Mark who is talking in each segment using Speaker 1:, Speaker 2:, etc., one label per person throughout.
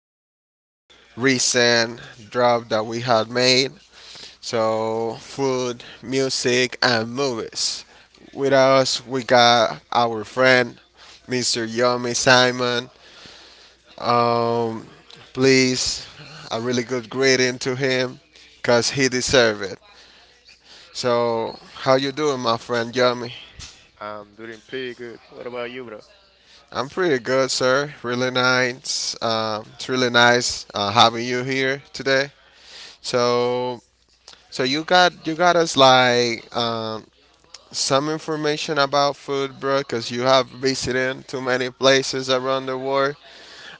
Speaker 1: most recent drop that we had made. So, food, music, and movies. With us, we got our friend, Mr. Yomi Simon. Um, Please, a really good greeting to him, cause he deserves it. So, how you doing, my friend Yomi?
Speaker 2: I'm doing pretty good. What about you, bro?
Speaker 1: I'm pretty good, sir. Really nice. It's really nice having you here today. So so you got us like some information about food, bro, because you have visited too many places around the world.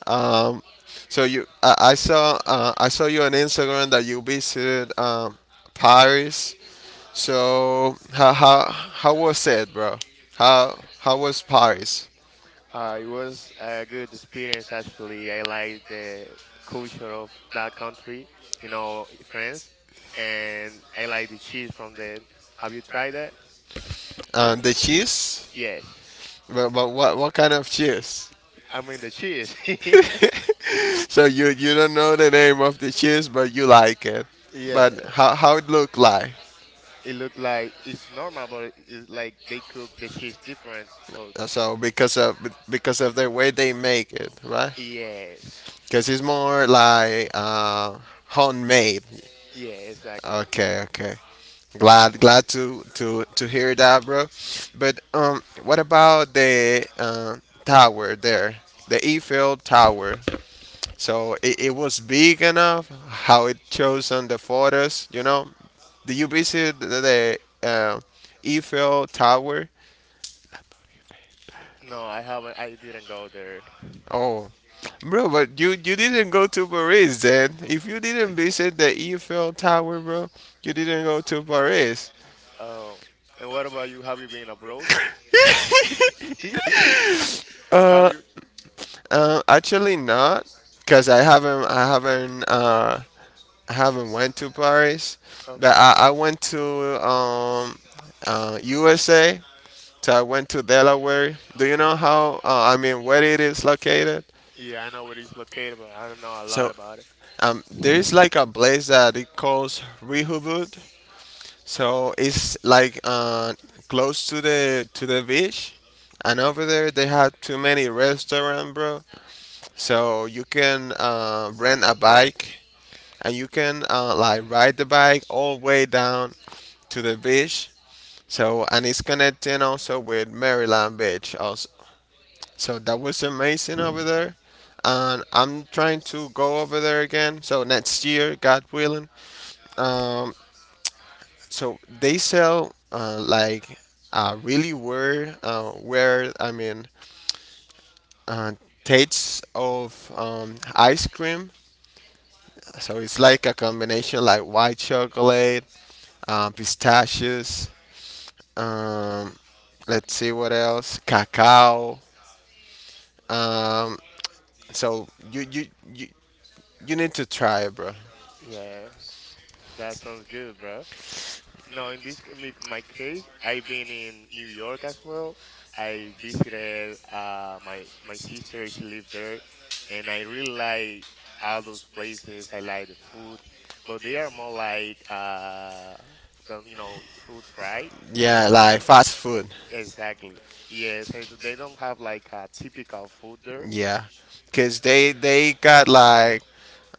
Speaker 1: Um, so I saw I saw you on Instagram that you visited Paris. So how was it, bro? How was Paris?
Speaker 2: It was a good experience, actually. I like the culture of that country, you know, France, and I like the cheese from the. Have you tried that?
Speaker 1: The cheese?
Speaker 2: Yes.
Speaker 1: But what kind of cheese?
Speaker 2: I mean the cheese.
Speaker 1: So you don't know the name of the cheese, but you like it. But
Speaker 2: Yeah,
Speaker 1: how it look like?
Speaker 2: it looked like it's normal, but it's like they cook the cheese different. So
Speaker 1: So because of the way they make it, right?
Speaker 2: yes,
Speaker 1: Because it's more like homemade.
Speaker 2: yeah, exactly.
Speaker 1: Okay, okay. Glad to hear that, bro. But what about the tower there, the Eiffel Tower? So it was big enough how it shows on the photos. You know, did you visit the uh, Eiffel Tower?
Speaker 2: No, I haven't. I didn't go there.
Speaker 1: Oh, bro, but you didn't go to Paris then. If you didn't visit the Eiffel Tower, bro, you didn't go to Paris.
Speaker 2: Oh, and what about you? Have you been abroad? Have
Speaker 1: Uh,
Speaker 2: you?
Speaker 1: actually not, cause I haven't went to Paris, but I
Speaker 2: Okay.
Speaker 1: went to um USA So I went to Delaware. Do you know how? I mean, where it is located?
Speaker 2: Yeah, I know where it's located, but I don't know a lot
Speaker 1: So
Speaker 2: about it.
Speaker 1: there is like a place that it calls Rehoboth. So it's like close to the beach, and
Speaker 2: Hmm.
Speaker 1: over there they have too many restaurants, bro. So you can rent a bike, and you can like ride the bike all the way down to the beach. So and it's connecting also with Maryland Beach, also. So that was amazing over there. And I'm trying to go over there again. So next year, God willing. Um, so they sell like really weird, uh, tastes of ice cream. So it's like a combination like white chocolate, pistachios, um, let's see what else, cacao. Um, so you, you need to try it, bro.
Speaker 2: Yeah, that sounds good, bro. No, in this my case, I've been in New York as well. I visited my sister. She lived there, and I really like all those places. I like the food, but they are more like you know, fruit fried. You
Speaker 1: Yeah,
Speaker 2: know,
Speaker 1: like fast food.
Speaker 2: exactly. Yes, and they don't have like a typical food there.
Speaker 1: Yeah, cause they got like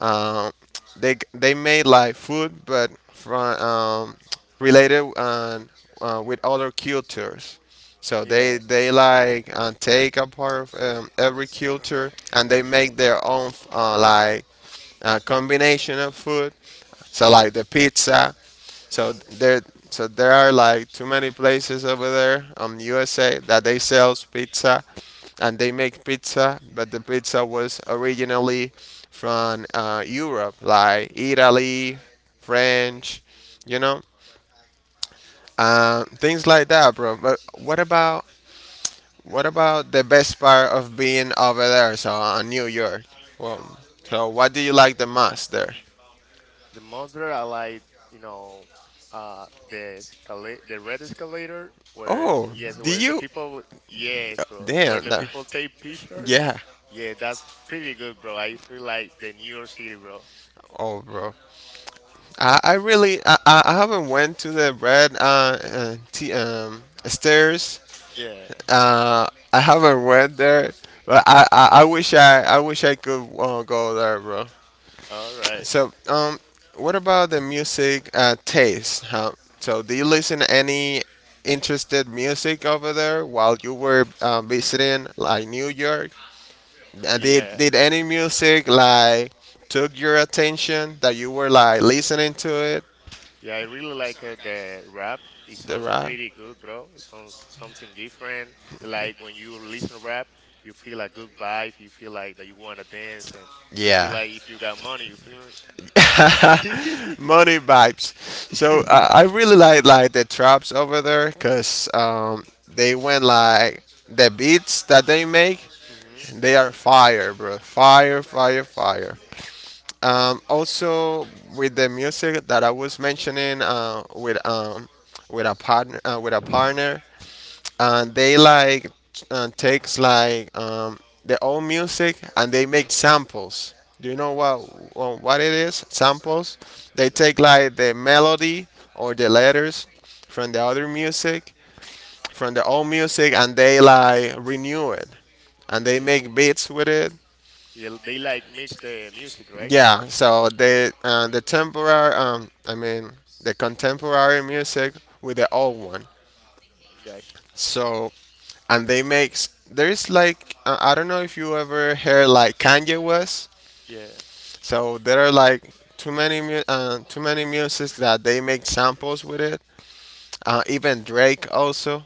Speaker 1: um they made like food, but from related on with other cultures. So they
Speaker 2: Yeah.
Speaker 1: they like take a part of every culture and they make their own like a combination of food. So like the pizza. So there so there are like too many places over there, um, USA, that they sells pizza and they make pizza, but the pizza was originally from Europe, like Italy, French, you know, things like that, bro. But what about what about the best part of being over there? So on New York, well, so what do you like the most there?
Speaker 2: The monster I like, you know, the escalator, the red escalator, where
Speaker 1: Oh,
Speaker 2: yes,
Speaker 1: do
Speaker 2: where the
Speaker 1: you?
Speaker 2: people, yes, bro, where
Speaker 1: Damn.
Speaker 2: the
Speaker 1: That,
Speaker 2: people take pictures.
Speaker 1: yeah.
Speaker 2: Yeah, that's pretty good, bro. I feel like the New York City, bro.
Speaker 1: Oh, bro. I really I haven't went to the red stairs.
Speaker 2: Yeah.
Speaker 1: Uh, I haven't went there, but I wish I could go there, bro.
Speaker 2: All right.
Speaker 1: So what about the music taste? Huh? So do you listen to any interested music over there while you were visiting like New York? And did
Speaker 2: Yeah.
Speaker 1: did any music like took your attention that you were like listening to it?
Speaker 2: Yeah, I really like the rap. It
Speaker 1: The
Speaker 2: sounds
Speaker 1: rap.
Speaker 2: pretty good, bro. It sounds something different. Like when you listen rap, you feel a good vibe. You feel like that you want to dance, and you feel
Speaker 1: Yeah.
Speaker 2: like if you got money, you feel.
Speaker 1: Money vibes. So I really like the traps over there because they went like the beats that they make.
Speaker 2: Hmm.
Speaker 1: They are fire, bro. Fire, fire, fire. Also with the music that I was mentioning, with a partner, they like takes like their own music and they make samples. Do you know what it is? Samples. They
Speaker 2: No,
Speaker 1: take like the melody or the letters from the other music, from the old music, and they like renew it and they
Speaker 2: yeah,
Speaker 1: make beats with it.
Speaker 2: yeah. They like mix the music, right?
Speaker 1: Yeah, so the temporary, I mean the contemporary music with the old one.
Speaker 2: Gotcha.
Speaker 1: So and they makes there is like I don't know if you ever heard like Kanye West.
Speaker 2: Yeah,
Speaker 1: So there are like too many music that they make samples with it. Even Drake also.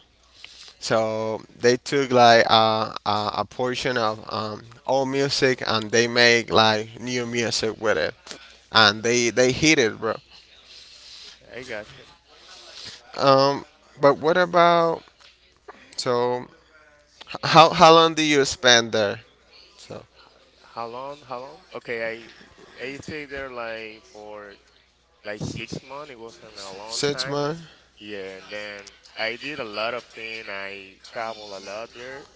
Speaker 1: So they took like a portion of old music and they make like new music with it and they hit it, bro.
Speaker 2: I gotcha.
Speaker 1: Um, but what about so h- how long did you spend there? So
Speaker 2: How long? How long? Okay, I stayed there like for like 6 months. It wasn't a long
Speaker 1: six
Speaker 2: time.
Speaker 1: months.
Speaker 2: Yeah, and then I did a lot of things. I traveled a lot there,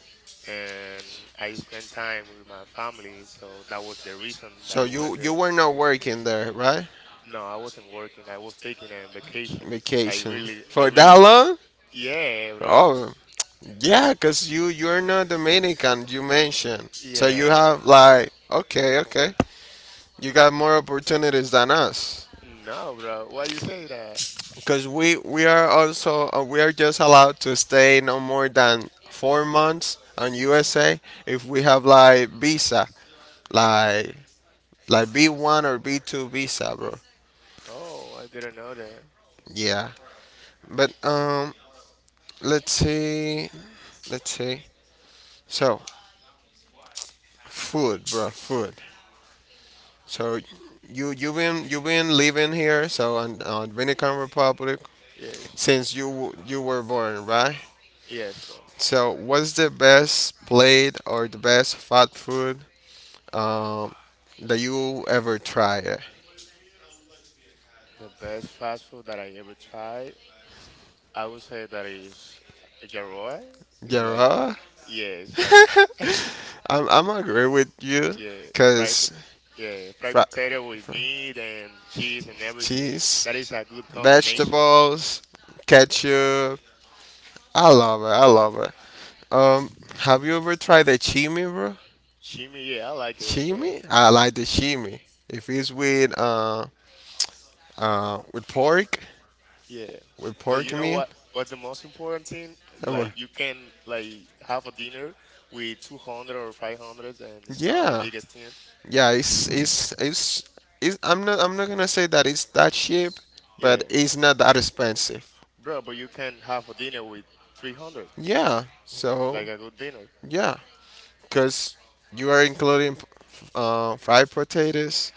Speaker 2: and I spent time with my family. So that was the reason that
Speaker 1: So
Speaker 2: I went
Speaker 1: you
Speaker 2: there.
Speaker 1: were not working there, right?
Speaker 2: No, I wasn't working. I was taking a vacation. So
Speaker 1: Vacation
Speaker 2: I
Speaker 1: for that
Speaker 2: really,
Speaker 1: long?
Speaker 2: yeah, bro.
Speaker 1: Oh yeah, cause you're not Dominican. You mentioned so you
Speaker 2: Yeah.
Speaker 1: have like okay okay. You got more opportunities than us.
Speaker 2: No, bro. Why you say that?
Speaker 1: Because we are also we are just allowed to stay no more than 4 months on USA if we have like visa like like B1 or B2 visa, bro.
Speaker 2: Oh, I didn't know that.
Speaker 1: Yeah. But let's see let's see. So food, bro, food. So you been living here so on Dominican Republic
Speaker 2: Yes.
Speaker 1: since you were born, right?
Speaker 2: Yes, bro.
Speaker 1: So what's the best plate or the best fast food um that you ever tried?
Speaker 2: The best fast food that I ever tried, I would say that is Jarroa. It's
Speaker 1: Yeah,
Speaker 2: like,
Speaker 1: right?
Speaker 2: yeah, it's like,
Speaker 1: I'm agree with you,
Speaker 2: yeah, fried, pot-
Speaker 1: cause
Speaker 2: yeah, fried
Speaker 1: fri-
Speaker 2: potato with meat and cheese and everything. That is
Speaker 1: cheese,
Speaker 2: a good combination.
Speaker 1: vegetables, ketchup. I love it. I love it. Um, have you ever tried the chimi, bro?
Speaker 2: Chimi, yeah, I like it as well.
Speaker 1: Chimi? I like the chimi. If it's uh with pork,
Speaker 2: Yeah.
Speaker 1: with
Speaker 2: But
Speaker 1: pork
Speaker 2: you
Speaker 1: you
Speaker 2: know
Speaker 1: mean.
Speaker 2: what? What's the most important thing?
Speaker 1: Oh,
Speaker 2: Like,
Speaker 1: well.
Speaker 2: you can like have a dinner with 200 or 500,
Speaker 1: It's
Speaker 2: and
Speaker 1: the
Speaker 2: it's not the
Speaker 1: Yeah,
Speaker 2: biggest thing.
Speaker 1: thing. Yeah. It's I'm not gonna say that it's that cheap,
Speaker 2: Yeah,
Speaker 1: but it's not that expensive.
Speaker 2: bro, but you can have a dinner with 300,
Speaker 1: Yeah. So
Speaker 2: like a good dinner.
Speaker 1: yeah, cause you are including fried potatoes,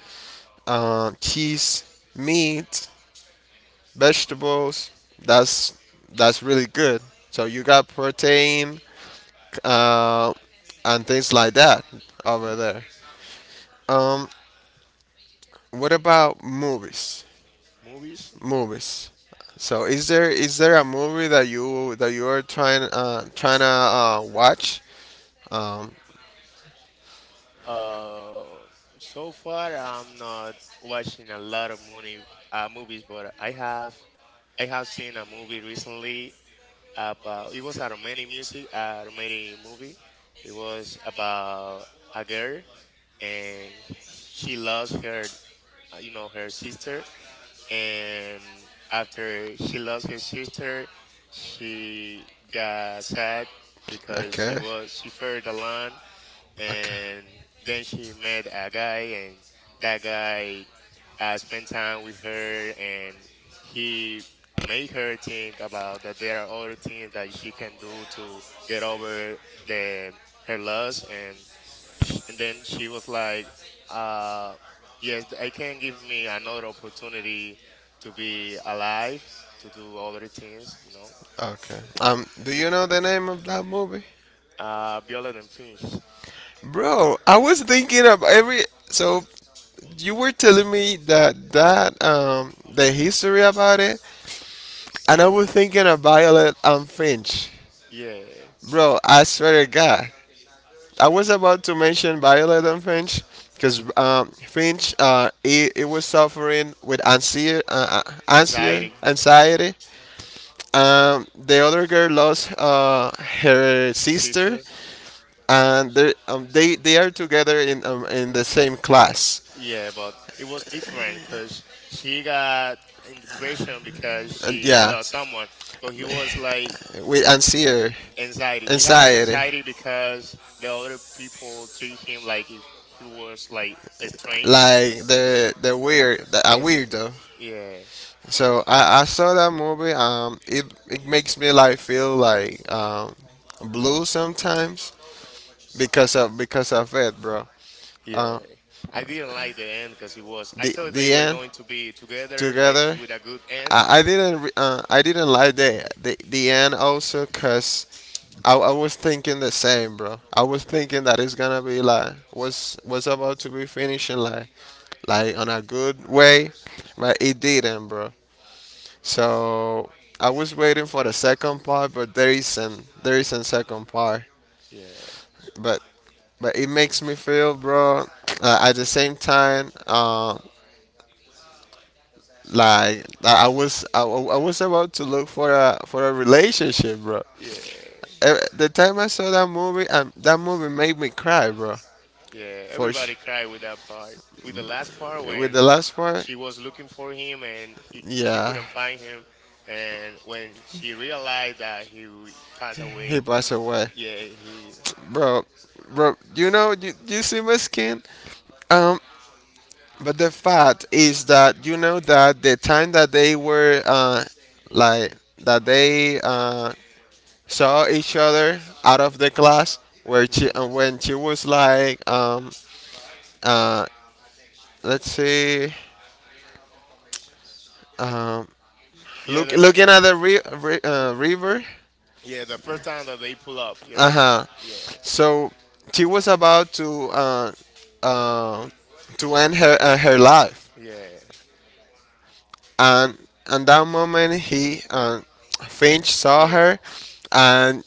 Speaker 1: cheese, meat, vegetables. That's that's really good. So you got protein, uh, and things like that over
Speaker 2: Y-
Speaker 1: there. Um, what about movies?
Speaker 2: Movies?
Speaker 1: Movies. So is there a movie that you are trying trying to watch? Um,
Speaker 2: Uh, so far I'm not watching a lot of movie, movies, but I have seen a movie recently about it was a Romanian music, a Romanian movie. It was about a girl and she lost her, you know, her sister, and after he lost his sister, she got sad because
Speaker 1: Okay.
Speaker 2: she feared alone,
Speaker 1: Okay.
Speaker 2: and then she met a guy, and that guy spent time with her, and he made her think about that there are other things that she can do to get over the her loss. And then she was like, uh, yes, I can give me another opportunity to be alive, to do other things, you know.
Speaker 1: Okay. Do you know the name of that movie?
Speaker 2: Violet and Finch.
Speaker 1: Bro, I was thinking of every. So you were telling me that the history about it, and I was thinking of Violet and Finch.
Speaker 2: Yeah.
Speaker 1: Bro, I swear to God, I was about to mention Violet and Finch because Finch it was suffering with anxiety,
Speaker 2: Anxiety,
Speaker 1: anxiety. The other girl lost her sister,
Speaker 2: sister.
Speaker 1: and they are together in the same class.
Speaker 2: Yeah, but it was different because she got in depression because
Speaker 1: And
Speaker 2: she
Speaker 1: yeah,
Speaker 2: lost someone, but he was like
Speaker 1: with anxiety,
Speaker 2: anxiety. He has
Speaker 1: anxiety.
Speaker 2: anxiety because the other people treat him like if he was like a strange.
Speaker 1: Like a
Speaker 2: It's-
Speaker 1: weirdo.
Speaker 2: yeah.
Speaker 1: So I saw that movie. It makes me like feel like blue sometimes because of it, bro.
Speaker 2: Yeah,
Speaker 1: Uh,
Speaker 2: I didn't like the end because it was. I
Speaker 1: The
Speaker 2: thought
Speaker 1: thought they
Speaker 2: they
Speaker 1: the were
Speaker 2: were
Speaker 1: end
Speaker 2: going to be
Speaker 1: together.
Speaker 2: together, like
Speaker 1: Together.
Speaker 2: with a good end.
Speaker 1: I didn't like the end also cause I was thinking the same, bro. I was thinking that it's gonna be like was about to be finishing like on a good way, but it didn't, bro. So I was waiting for the second part, but there isn't second part.
Speaker 2: Yeah,
Speaker 1: But but it makes me feel, bro. At the same time, like I was about to look for a relationship, bro.
Speaker 2: yeah,
Speaker 1: The time I saw that movie made me cry, bro.
Speaker 2: yeah.
Speaker 1: For
Speaker 2: Everybody
Speaker 1: sh-
Speaker 2: cried with that part. With the last part
Speaker 1: with
Speaker 2: when
Speaker 1: the last part,
Speaker 2: she was looking for him and he she
Speaker 1: yeah,
Speaker 2: couldn't find him, and when she realized that he passed away.
Speaker 1: he passed away,
Speaker 2: Yeah, he.
Speaker 1: bro. Bro, you know, you see my skin. Um, but the fact is that you know that the time that they were like that they saw each other out of the class where she
Speaker 2: Hmm.
Speaker 1: when she was like uh let's see um
Speaker 2: Yeah, the,
Speaker 1: looking at the river.
Speaker 2: yeah. The first time that they pull up, right?
Speaker 1: Uh-huh.
Speaker 2: Yeah,
Speaker 1: So she was about uh to end her her life,
Speaker 2: yeah,
Speaker 1: and at that moment he Finch saw
Speaker 2: yeah,
Speaker 1: her, and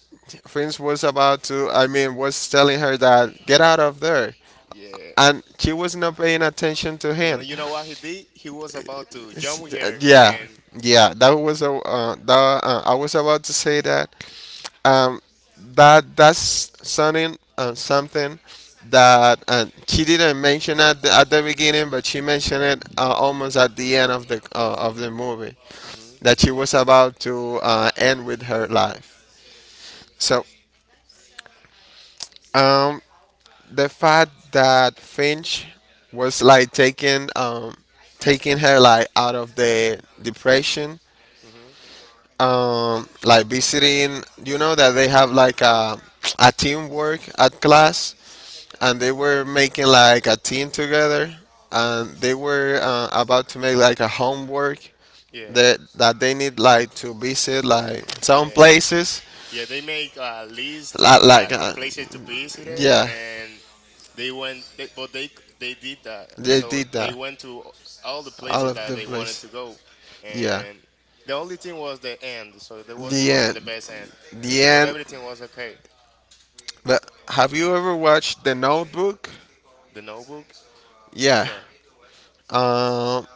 Speaker 1: Finch was about to I mean was telling her that get out of there,
Speaker 2: yeah.
Speaker 1: and she was not paying attention to him.
Speaker 2: You know what he did? He was about to jump with
Speaker 1: It's, uh,
Speaker 2: her
Speaker 1: yeah,
Speaker 2: and.
Speaker 1: yeah. That was a that I was about to say that. Um, that that's something something that she didn't mention at at the beginning, but she mentioned it almost at the end of the movie
Speaker 2: Hmm.
Speaker 1: that she was about to end with her life. So um, the fact that Finch was like taking taking her like out of the depression,
Speaker 2: Hmm.
Speaker 1: like visiting. You know that they have like a teamwork at
Speaker 2: Hmm.
Speaker 1: class, and they were making like a team together, and they were about to make like a homework
Speaker 2: Yeah,
Speaker 1: that they need like to visit like some
Speaker 2: yeah,
Speaker 1: places
Speaker 2: yeah. They make a list to
Speaker 1: like like uh,
Speaker 2: places to visit it,
Speaker 1: yeah,
Speaker 2: and they went. They did that,
Speaker 1: they
Speaker 2: so
Speaker 1: did
Speaker 2: they
Speaker 1: that,
Speaker 2: went to all the
Speaker 1: all
Speaker 2: places
Speaker 1: of
Speaker 2: that
Speaker 1: the
Speaker 2: they wanted
Speaker 1: place,
Speaker 2: to go,
Speaker 1: yeah,
Speaker 2: and the only thing was the end. So there was it
Speaker 1: the
Speaker 2: wasn't
Speaker 1: end,
Speaker 2: the best end,
Speaker 1: the
Speaker 2: but
Speaker 1: end.
Speaker 2: everything was okay.
Speaker 1: That, have you ever watched The Notebook?
Speaker 2: The Notebook, which
Speaker 1: Yeah.
Speaker 2: one?
Speaker 1: Um,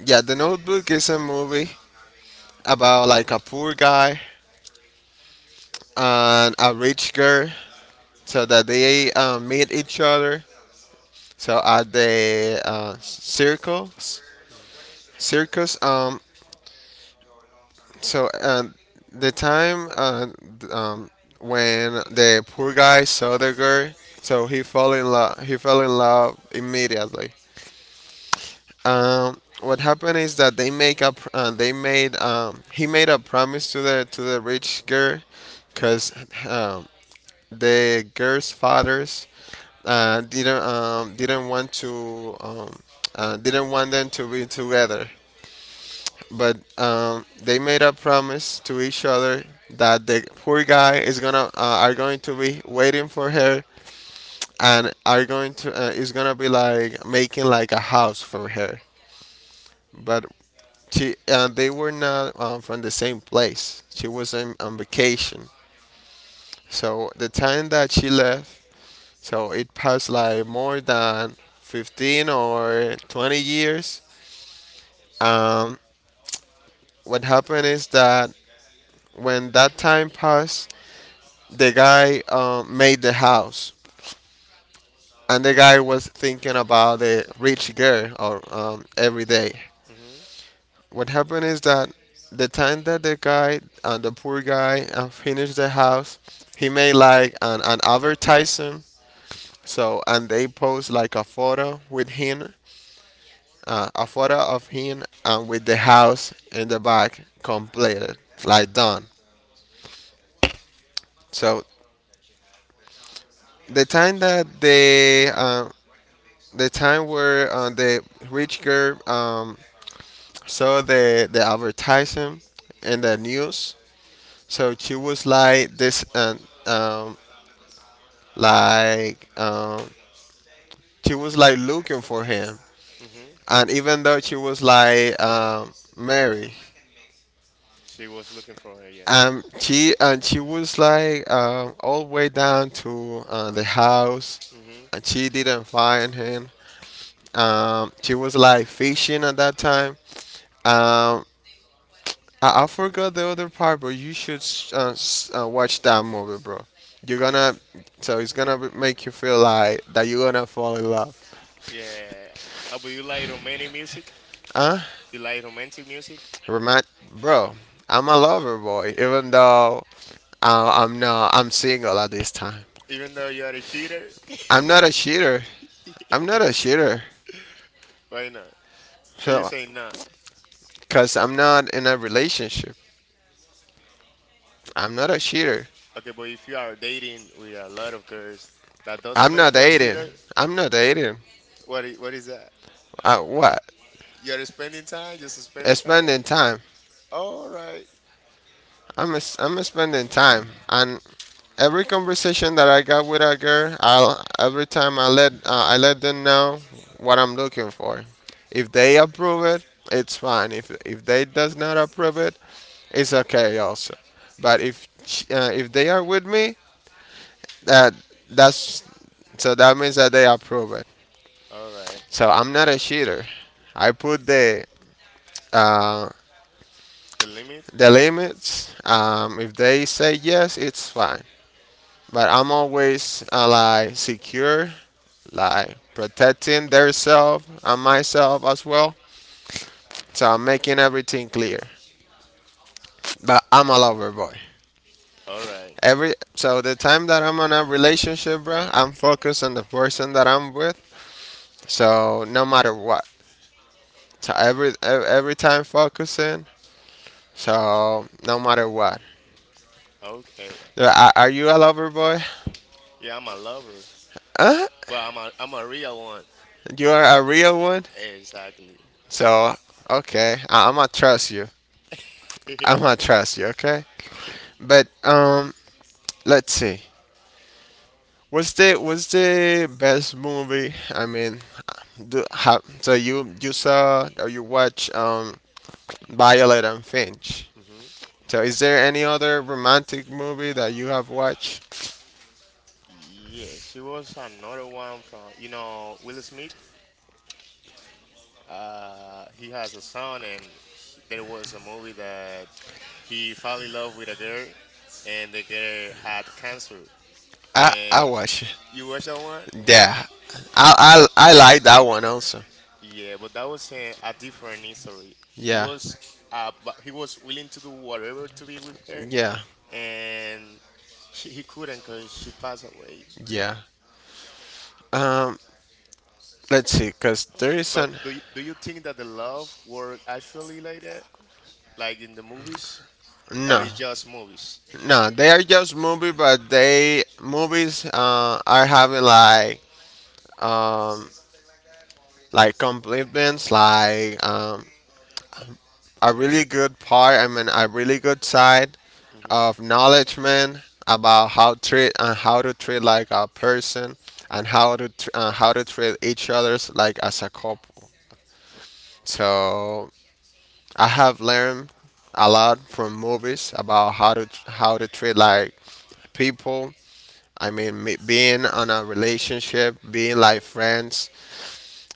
Speaker 1: yeah, The Notebook is a movie about like a poor guy and a rich girl, so that they meet each other. So at the circus,
Speaker 2: Mm-hmm.
Speaker 1: circus. So uh, the time uh, th- um, when the poor guy saw the girl, so he fell in love. He fell in love immediately. What happened is that they make up. They made. He made a promise to the rich girl, cause um, the girl's fathers didn't want to didn't want them to be together. But they made a promise to each other that the poor guy is gonna are going to be waiting for her and are going to is gonna be like making like a house for her. But she, they were not from the same place. She was on vacation. So the time that she left, so it passed like more than 15 or 20 years. Um, what happened is that when that time passed, the guy made the house. And the guy was thinking about the rich girl or, every day. What happened is that the time that the poor guy, finished the house, he made like an advertisement. So, and they post like a photo with him, a photo of him and with the house in the back completed, like done. So, the time that they, uh, the time where the rich girl saw the advertisement in the news, so she was like um, Like um, she was like looking for him,
Speaker 2: mm hmm
Speaker 1: and even though she was like married,
Speaker 2: She was looking for her. Yeah.
Speaker 1: and she was like all the way down to the house,
Speaker 2: mm hmm
Speaker 1: and she didn't find him. She was like fishing at that time. Um, I forgot the other part, but you should watch that movie, bro. You're
Speaker 2: Yeah.
Speaker 1: gonna, so it's gonna be- make you feel like that you're gonna fall in love.
Speaker 2: Yeah. Oh, but you like romantic music?
Speaker 1: Uh,
Speaker 2: You like romantic music?
Speaker 1: Remind, bro, I'm a lover boy, even though I'm not. I'm single at this time.
Speaker 2: Even though you are a cheater?
Speaker 1: I'm not a cheater. I'm not a cheater.
Speaker 2: Why not? Or you
Speaker 1: So,
Speaker 2: say not?
Speaker 1: cause I'm not in a relationship. I'm not a cheater.
Speaker 2: Okay, but if you are dating with a lot of girls, that doesn't
Speaker 1: I'm
Speaker 2: make
Speaker 1: not
Speaker 2: you a
Speaker 1: dating.
Speaker 2: cheater?
Speaker 1: I'm not dating.
Speaker 2: What is that?
Speaker 1: What?
Speaker 2: You're spending time, just spending time?
Speaker 1: Spending time.
Speaker 2: All right.
Speaker 1: I'm a spending time, and every conversation that I got with a girl, I'll every time I let them know what I'm looking for. If they approve it, it's fine. If they does not approve it, it's okay also. But if they are with me, that that's so that means that they approve it.
Speaker 2: All right.
Speaker 1: So I'm not a cheater. I put uh,
Speaker 2: The limit?
Speaker 1: the limits. If they say yes, it's fine. But I'm always like secure, like protecting theirself and myself as well. So I'm making everything clear. But I'm a
Speaker 2: Okay.
Speaker 1: lover boy.
Speaker 2: All right.
Speaker 1: Every so the time that I'm in a relationship, bro, I'm focused on the person that I'm with. So no matter what, so every e, every time focusing. So no matter what,
Speaker 2: Okay.
Speaker 1: are you a lover boy?
Speaker 2: Yeah, I'm a lover,
Speaker 1: Huh?
Speaker 2: but I'm a real one.
Speaker 1: You are a real one.
Speaker 2: Exactly.
Speaker 1: So okay, I'ma trust you. I'ma trust you. Okay, but let's see. What's the best movie? I mean, do have so you saw or you watch Violet and Finch.
Speaker 2: Hmm.
Speaker 1: So is there any other romantic movie that you have watched?
Speaker 2: Yeah, she was another one from, you know, Will Smith. He has a son, and there was a movie that he fell in love with a girl, and the girl had cancer.
Speaker 1: I
Speaker 2: And
Speaker 1: watch it.
Speaker 2: you watch that one?
Speaker 1: Yeah, I like that one also.
Speaker 2: Yeah, but that was a different history.
Speaker 1: Yeah,
Speaker 2: But he was willing to do whatever to be with her,
Speaker 1: yeah,
Speaker 2: and he couldn't because she passed away.
Speaker 1: yeah. Um, let's see, cause there is an
Speaker 2: Do you think that the love work actually like that, like in the movies? Or
Speaker 1: no,
Speaker 2: it's just movies.
Speaker 1: no, they are just movie, but they movies are having um like complements, like a really good part. I mean, a really good side
Speaker 2: Hmm.
Speaker 1: of knowledgement about how treat and how to treat like a person and how to how to treat each other's like as a couple. So I have learned a lot from movies about how to how to treat like people, I mean, being on a relationship, being like friends.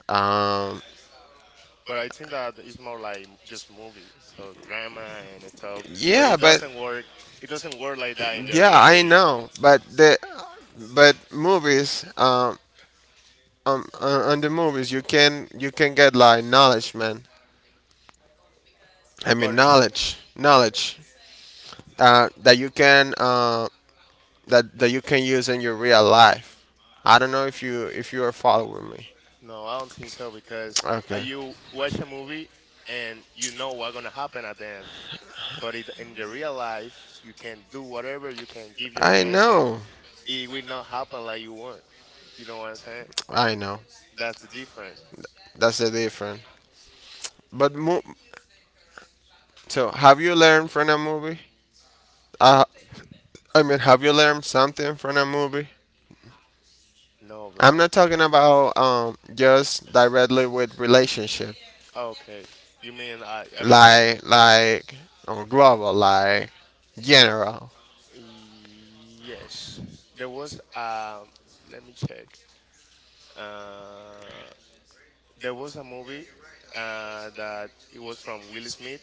Speaker 1: Um,
Speaker 2: But I think that it's more like just movie, so drama and stuff. But
Speaker 1: yeah,
Speaker 2: it
Speaker 1: but
Speaker 2: doesn't work. It doesn't work like that in the
Speaker 1: yeah, I
Speaker 2: reality.
Speaker 1: know. But the but movies, on the movies, you can get like knowledge, man. I
Speaker 2: But
Speaker 1: mean,
Speaker 2: it's,
Speaker 1: knowledge, knowledge that you can that that you can use in your real life. I don't know if you are following me.
Speaker 2: no, I don't think so because
Speaker 1: Okay.
Speaker 2: you watch a movie and you know what's gonna happen at the end. In the real life, you can do whatever, you can give your
Speaker 1: I
Speaker 2: best, and
Speaker 1: know.
Speaker 2: it will not happen like you want. You know what I'm saying?
Speaker 1: I know.
Speaker 2: That's the difference.
Speaker 1: That's the difference. But mo- so have you learned from a movie? Uh, I mean, have you learned something from a movie?
Speaker 2: No,
Speaker 1: I'm
Speaker 2: bro.
Speaker 1: not talking about just directly with relationship.
Speaker 2: Okay. You mean everything?
Speaker 1: Like on global, like general.
Speaker 2: Yes, there was let me check. Uh, there was a movie that it was from Will Smith,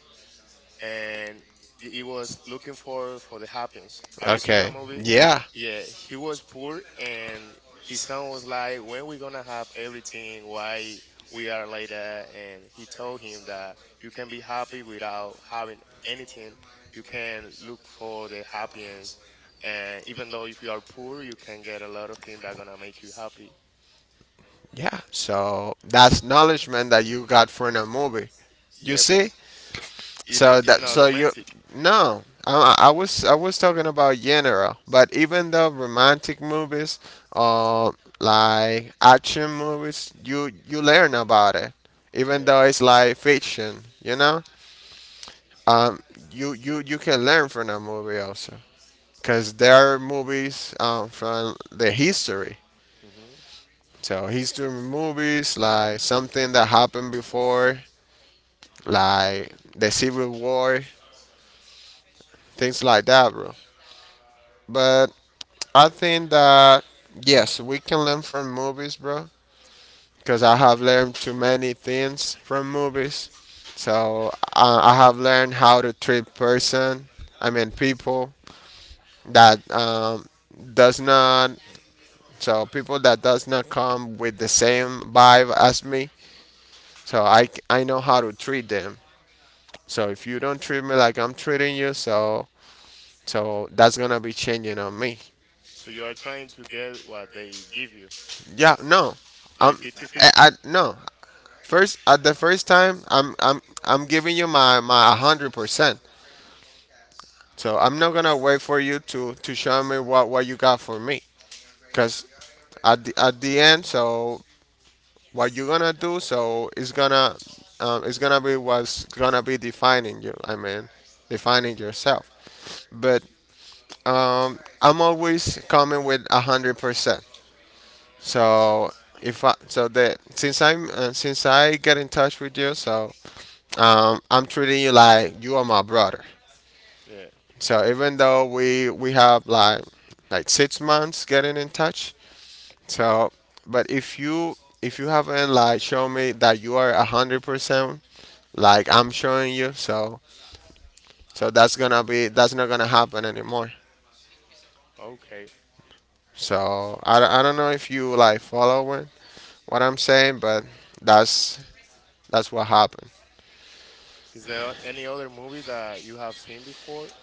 Speaker 2: and he was looking for the happiness. Have you seen that
Speaker 1: Okay.
Speaker 2: movie?
Speaker 1: Yeah.
Speaker 2: Yeah, he was poor, and his son was like, "When we gonna have everything? Why we are like that?" And he told him that you can be happy without having anything. You can look for the happiness, and even though if you are poor, you can get a lot of things that gonna make you happy.
Speaker 1: Yeah. So that's acknowledgement that you got from a movie. You
Speaker 2: Yeah, but
Speaker 1: see, So
Speaker 2: it's
Speaker 1: that
Speaker 2: not
Speaker 1: so you
Speaker 2: romantic.
Speaker 1: no, I was talking about general, but even though romantic movies or like action movies, you learn about it, even
Speaker 2: Yeah.
Speaker 1: though it's like fiction, you know. Um, you can learn from that movie also, cause there are movies from the history.
Speaker 2: Hmm.
Speaker 1: So history movies like something that happened before, like the Civil War, things like that, bro. But I think that yes, we can learn from movies, bro. Because I have learned too many things from movies. So I have learned how to treat person. I mean people that does not. So people that does not come with the same vibe as me. So I know how to treat them. So if you don't treat me like I'm treating you, so so that's gonna be changing on me.
Speaker 2: So you are trying to get what they give you.
Speaker 1: Yeah, no.
Speaker 2: Like
Speaker 1: Um, I
Speaker 2: fifty-fifty.
Speaker 1: no. First, at the first time, I'm giving you my 100%. So I'm not gonna wait for you to show me what you got for me. Cause at the end, so what you're gonna do, so it's gonna be what's gonna be defining you. I mean, defining yourself. But I'm always coming with a 100%. So if I so that since I'm since I get in touch with you, so I'm treating you like you are my brother.
Speaker 2: Yeah,
Speaker 1: So even though we have like six months getting in touch, so but if you haven't like shown me that you are a 100% like I'm showing you, so so that's gonna be that's not gonna happen anymore.
Speaker 2: okay.
Speaker 1: So I don't know if you like following what I'm saying, but that's that's what happened.
Speaker 2: Is there any other movie that you have seen before?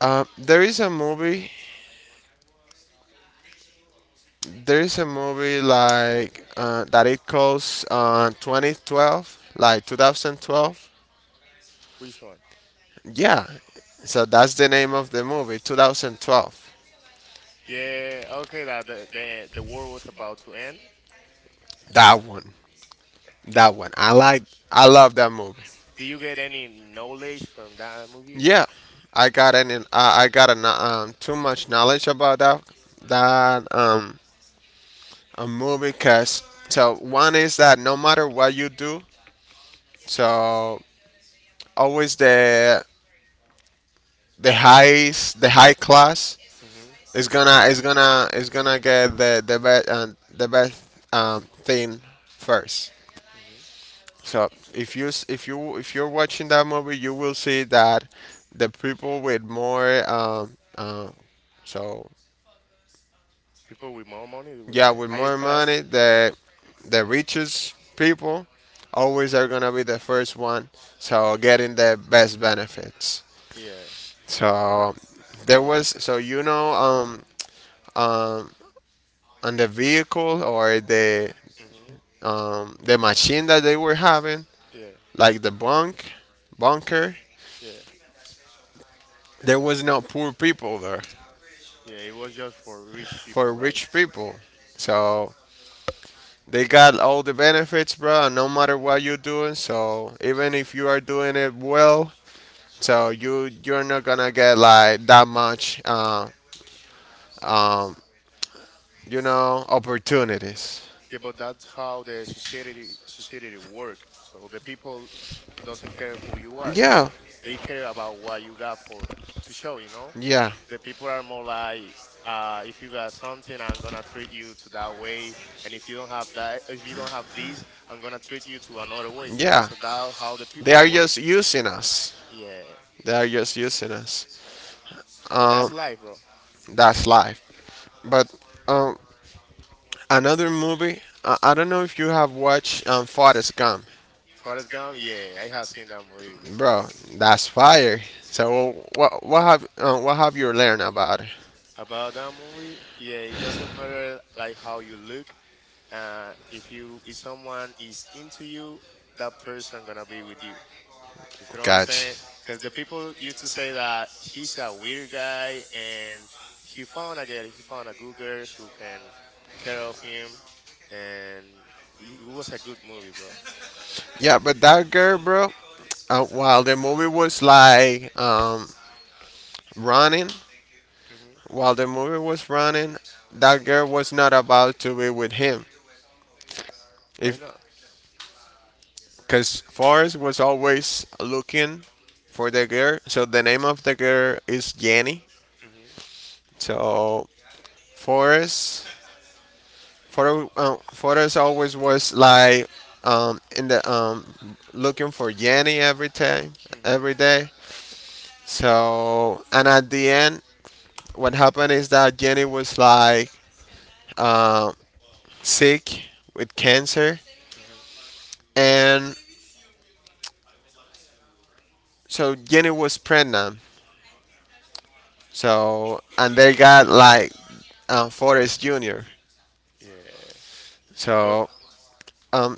Speaker 1: Um, there is a movie There is a movie like that it closed on 2012, like 2012.
Speaker 2: Which one?
Speaker 1: Yeah, so that's the name of the movie, 2012.
Speaker 2: Yeah, okay, that the war was about to end.
Speaker 1: That one, that one. I love that movie.
Speaker 2: Did you get any knowledge from that movie?
Speaker 1: Yeah, I got too much knowledge about that that a movie because so one is that no matter what you do, so always the high class,
Speaker 2: Mm-hmm.
Speaker 1: it's gonna get the best thing first.
Speaker 2: Mm-hmm.
Speaker 1: So if you if you're watching that movie, you will see that the people with more so
Speaker 2: People with more money, with
Speaker 1: yeah,
Speaker 2: the
Speaker 1: with more
Speaker 2: highest class?
Speaker 1: money, the richest people always are gonna be the first one. So getting the best
Speaker 2: Yeah.
Speaker 1: benefits.
Speaker 2: Yeah.
Speaker 1: So so you know um on the vehicle or
Speaker 2: Mm-hmm.
Speaker 1: the machine that they were having,
Speaker 2: Yeah.
Speaker 1: like the bunk, bunker,
Speaker 2: Yeah.
Speaker 1: there was no poor people there,
Speaker 2: Yeah, it was just for rich
Speaker 1: for
Speaker 2: people, right?
Speaker 1: rich people. So they got all the benefits, bro. And no matter what you're doing, so even if you are doing it well, so you you're not gonna get like that much, um, you know, opportunities.
Speaker 2: Yeah, but that's how the society work. So the people doesn't care who you are.
Speaker 1: Yeah,
Speaker 2: They care about what you got for to show, you know?
Speaker 1: yeah,
Speaker 2: The people are more like if you got something, I'm gonna treat you to that way, and if you don't have that, if you don't have this, I'm gonna treat you to another way.
Speaker 1: yeah.
Speaker 2: So that's how the
Speaker 1: They
Speaker 2: people
Speaker 1: are
Speaker 2: work.
Speaker 1: just using us.
Speaker 2: Yeah,
Speaker 1: They are just using us.
Speaker 2: but that's
Speaker 1: Um,
Speaker 2: life, bro.
Speaker 1: that's life. But um, another movie. I don't know if you have watched Forrest Gump,
Speaker 2: Forrest Gump, yeah, I have seen that movie
Speaker 1: bro.
Speaker 2: before.
Speaker 1: That's fire. So what have you learned about it?
Speaker 2: About that movie, yeah, it doesn't matter like how you look. If you if someone is into you, that person gonna be with you. You feel what I'm
Speaker 1: Gotcha.
Speaker 2: saying? Because the people used to say that he's a weird guy, and he found a girl, he found a good girl who can care of him, and it was a good movie, bro.
Speaker 1: Yeah, but that girl, bro. While the movie was like running,
Speaker 2: Hmm.
Speaker 1: while the movie was running, that girl was not about to be with him.
Speaker 2: Why
Speaker 1: If
Speaker 2: not?
Speaker 1: because Forrest was always looking for the girl. So the name of the girl is Jenny.
Speaker 2: Hmm.
Speaker 1: So Forrest photo photos always was like in the looking for Yanni every time
Speaker 2: Hmm.
Speaker 1: every day. So and at the end, what happened is that Jenny was like um sick with cancer,
Speaker 2: Mm-hmm. Mm-hmm.
Speaker 1: and so Jenny was pregnant. So and they got like Forrest Jr.
Speaker 2: Yeah. But
Speaker 1: So um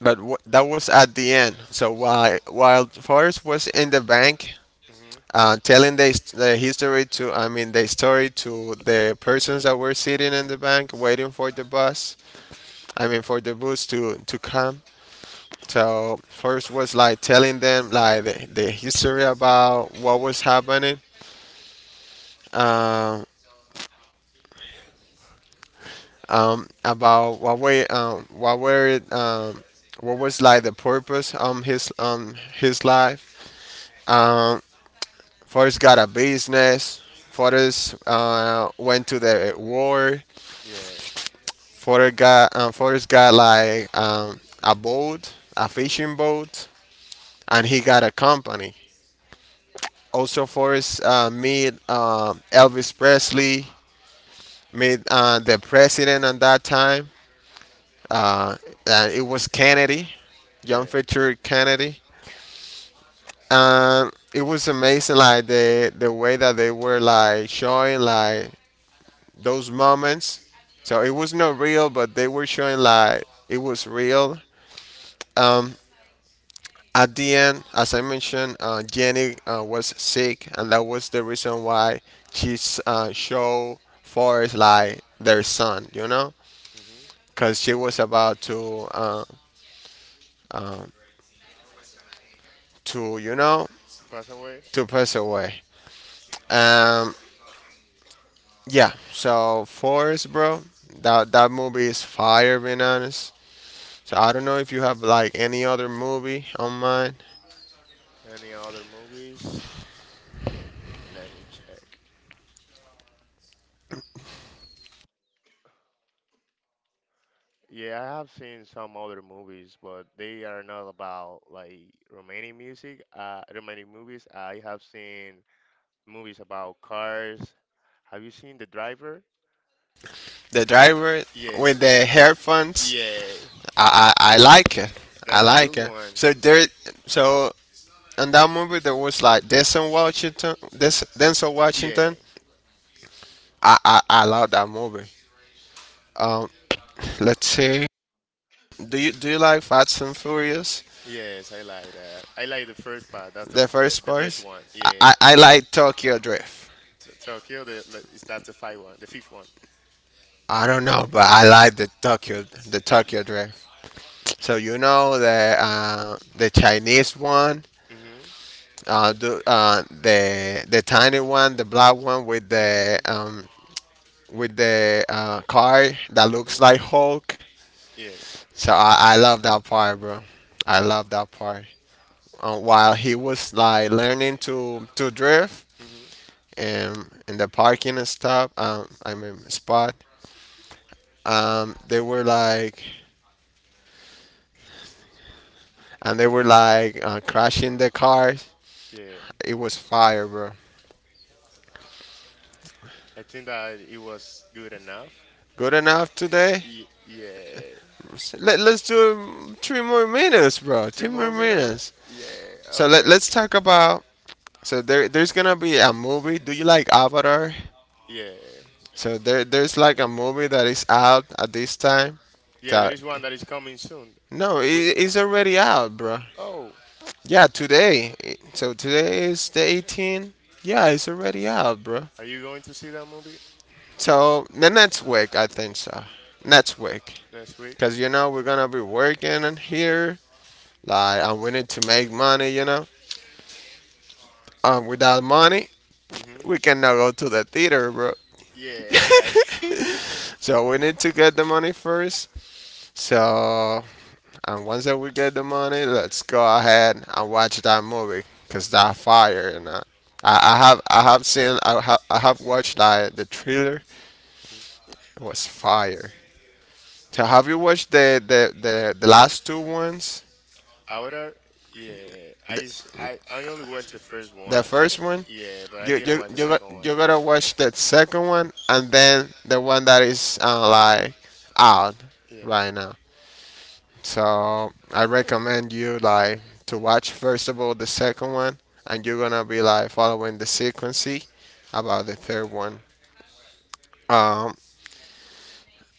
Speaker 1: that was at the end. So while Forrest was in the bank,
Speaker 2: mhm,
Speaker 1: telling the history to, I mean, the story to the persons that were sitting in the bank waiting for the bus, I mean, for the bus to come. So, first was like telling them like the history about what was happening, um, about what we, what were it, what was like the purpose
Speaker 2: mhm,
Speaker 1: his life. Um, First got a business. First went to the war.
Speaker 2: yeah,
Speaker 1: Forrest got like a boat, a
Speaker 2: mhm,
Speaker 1: fishing boat, and he got a company. Also, Forrest meet Elvis Presley, meet the president at that time. Uh, and it was Kennedy, John
Speaker 2: yeah,
Speaker 1: Fitzgerald Kennedy. And it was amazing. Like the way that they were like showing like those moments. So it was not real, but they were showing like it was real. Um, at the end, as I mentioned, Jenny was sick, and that was the reason why showed Forrest like their son,
Speaker 2: mhm.
Speaker 1: because she was about to to you know
Speaker 2: To pass away.
Speaker 1: to pass away. Um, yeah. So Forrest, bro, that movie is fire. Being honest, so I don't know if you have like any other movie on mind.
Speaker 2: Any other movies? Let me check. Yeah, I have seen some other movies, but they are not about like Romanian music, Romanian movies. I have seen movies about cars. Have you seen The Driver?
Speaker 1: The driver with
Speaker 2: Yes,
Speaker 1: the hair funds.
Speaker 2: yeah,
Speaker 1: I like it. I
Speaker 2: that's a good
Speaker 1: like it.
Speaker 2: one.
Speaker 1: So there, so In that movie there was like Denzel Washington. Denzel
Speaker 2: Yeah,
Speaker 1: Washington. I love that movie. Um, let's see. Do you like Fast and Furious?
Speaker 2: yes, I like that. I like the first part. That's
Speaker 1: The first
Speaker 2: the best
Speaker 1: part.
Speaker 2: one.
Speaker 1: I,
Speaker 2: Yeah,
Speaker 1: I, I like Tokyo Drift.
Speaker 2: Tr Kill the le- is that the five one, the fifth one.
Speaker 1: I don't know, but I like
Speaker 2: Y-
Speaker 1: the
Speaker 2: y-
Speaker 1: Tokyo Drift. So you know the Chinese one.
Speaker 2: Mhm,
Speaker 1: The tiny one, the black one
Speaker 2: mhm,
Speaker 1: with the car that looks
Speaker 2: mhm.
Speaker 1: like Hulk.
Speaker 2: Yeah,
Speaker 1: So I love that part, bro. I love that part. While he was like learning to drift
Speaker 2: mhm,
Speaker 1: and in the parking and stuff, I mean spot, um, they were like, and they were like crashing the cars.
Speaker 2: yeah.
Speaker 1: It was fire, bro.
Speaker 2: I think that it was good enough.
Speaker 1: Good enough today.
Speaker 2: Yeah.
Speaker 1: Let's do 3 more minutes, bro.
Speaker 2: Three
Speaker 1: Three more
Speaker 2: more minutes, right?
Speaker 1: minutes.
Speaker 2: Yeah.
Speaker 1: So let,
Speaker 2: Okay.
Speaker 1: let's talk about. So there's gonna be a movie. Do you like Avatar?
Speaker 2: Yeah.
Speaker 1: So there's like a movie that is out at this time.
Speaker 2: Yeah, there
Speaker 1: That
Speaker 2: is one that is coming soon.
Speaker 1: no, it,
Speaker 2: Wi-
Speaker 1: it's already out, bro.
Speaker 2: oh,
Speaker 1: Yeah, today. So today is the 18th. Yeah, it's already out, bro.
Speaker 2: are you going to see that movie
Speaker 1: So the next week, I think so. Next week,
Speaker 2: next week?
Speaker 1: cause we're gonna be working in here, like, and we need to make money. Without money,
Speaker 2: Mm-hmm.
Speaker 1: we cannot go to the theater, bro.
Speaker 2: Yeah, I got you.
Speaker 1: So we need to get the money first. So And once that we get the money, let's go ahead and watch that movie because that fire and I have seen I have watched that the trailer.
Speaker 2: Mhm.
Speaker 1: It was fire. So have you watched the last two ones?
Speaker 2: Ahora, yeah, I, s-
Speaker 1: The,
Speaker 2: I only watched the first
Speaker 1: the
Speaker 2: one.
Speaker 1: first one.
Speaker 2: Yeah, but I didn't watch the second one.
Speaker 1: You gotta watch the second one and then the one that is like out
Speaker 2: Yeah.
Speaker 1: right now. So I recommend you like to watch first of all the second one, and you're gonna be like following the sequence about the third one. Um,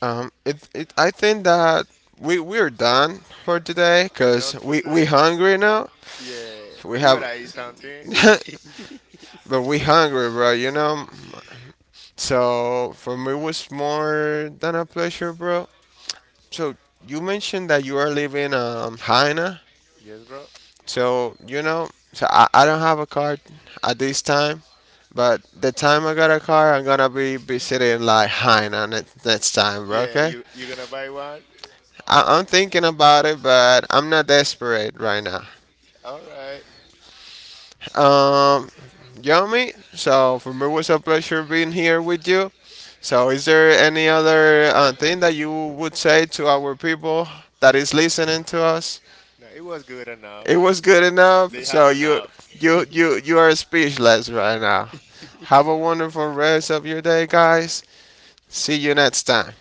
Speaker 1: I think that we're done for today,
Speaker 2: We
Speaker 1: cause
Speaker 2: done for
Speaker 1: we
Speaker 2: today?
Speaker 1: hungry now.
Speaker 2: Yeah.
Speaker 1: We
Speaker 2: We
Speaker 1: have,
Speaker 2: gotta eat something.
Speaker 1: but we hungry, bro. You know. So for me, it was more than a pleasure, bro. So you mentioned that you are living Haina.
Speaker 2: Yes, bro.
Speaker 1: So you know, so I don't have a car at this time. But the time I got a car, I'm gonna be visiting like Hainan next time, bro.
Speaker 2: Yeah,
Speaker 1: Okay.
Speaker 2: you gonna buy one?
Speaker 1: I'm thinking about it, but I'm not desperate right now.
Speaker 2: All right.
Speaker 1: Um, Yomi. So for me, it was a pleasure being here with you. So is there any other thing that you would say to our people that is listening to us?
Speaker 2: No, it was good enough.
Speaker 1: It was good enough.
Speaker 2: They have
Speaker 1: So you
Speaker 2: enough.
Speaker 1: you you you are speechless right now. Have a wonderful rest of your day, guys. See you next time.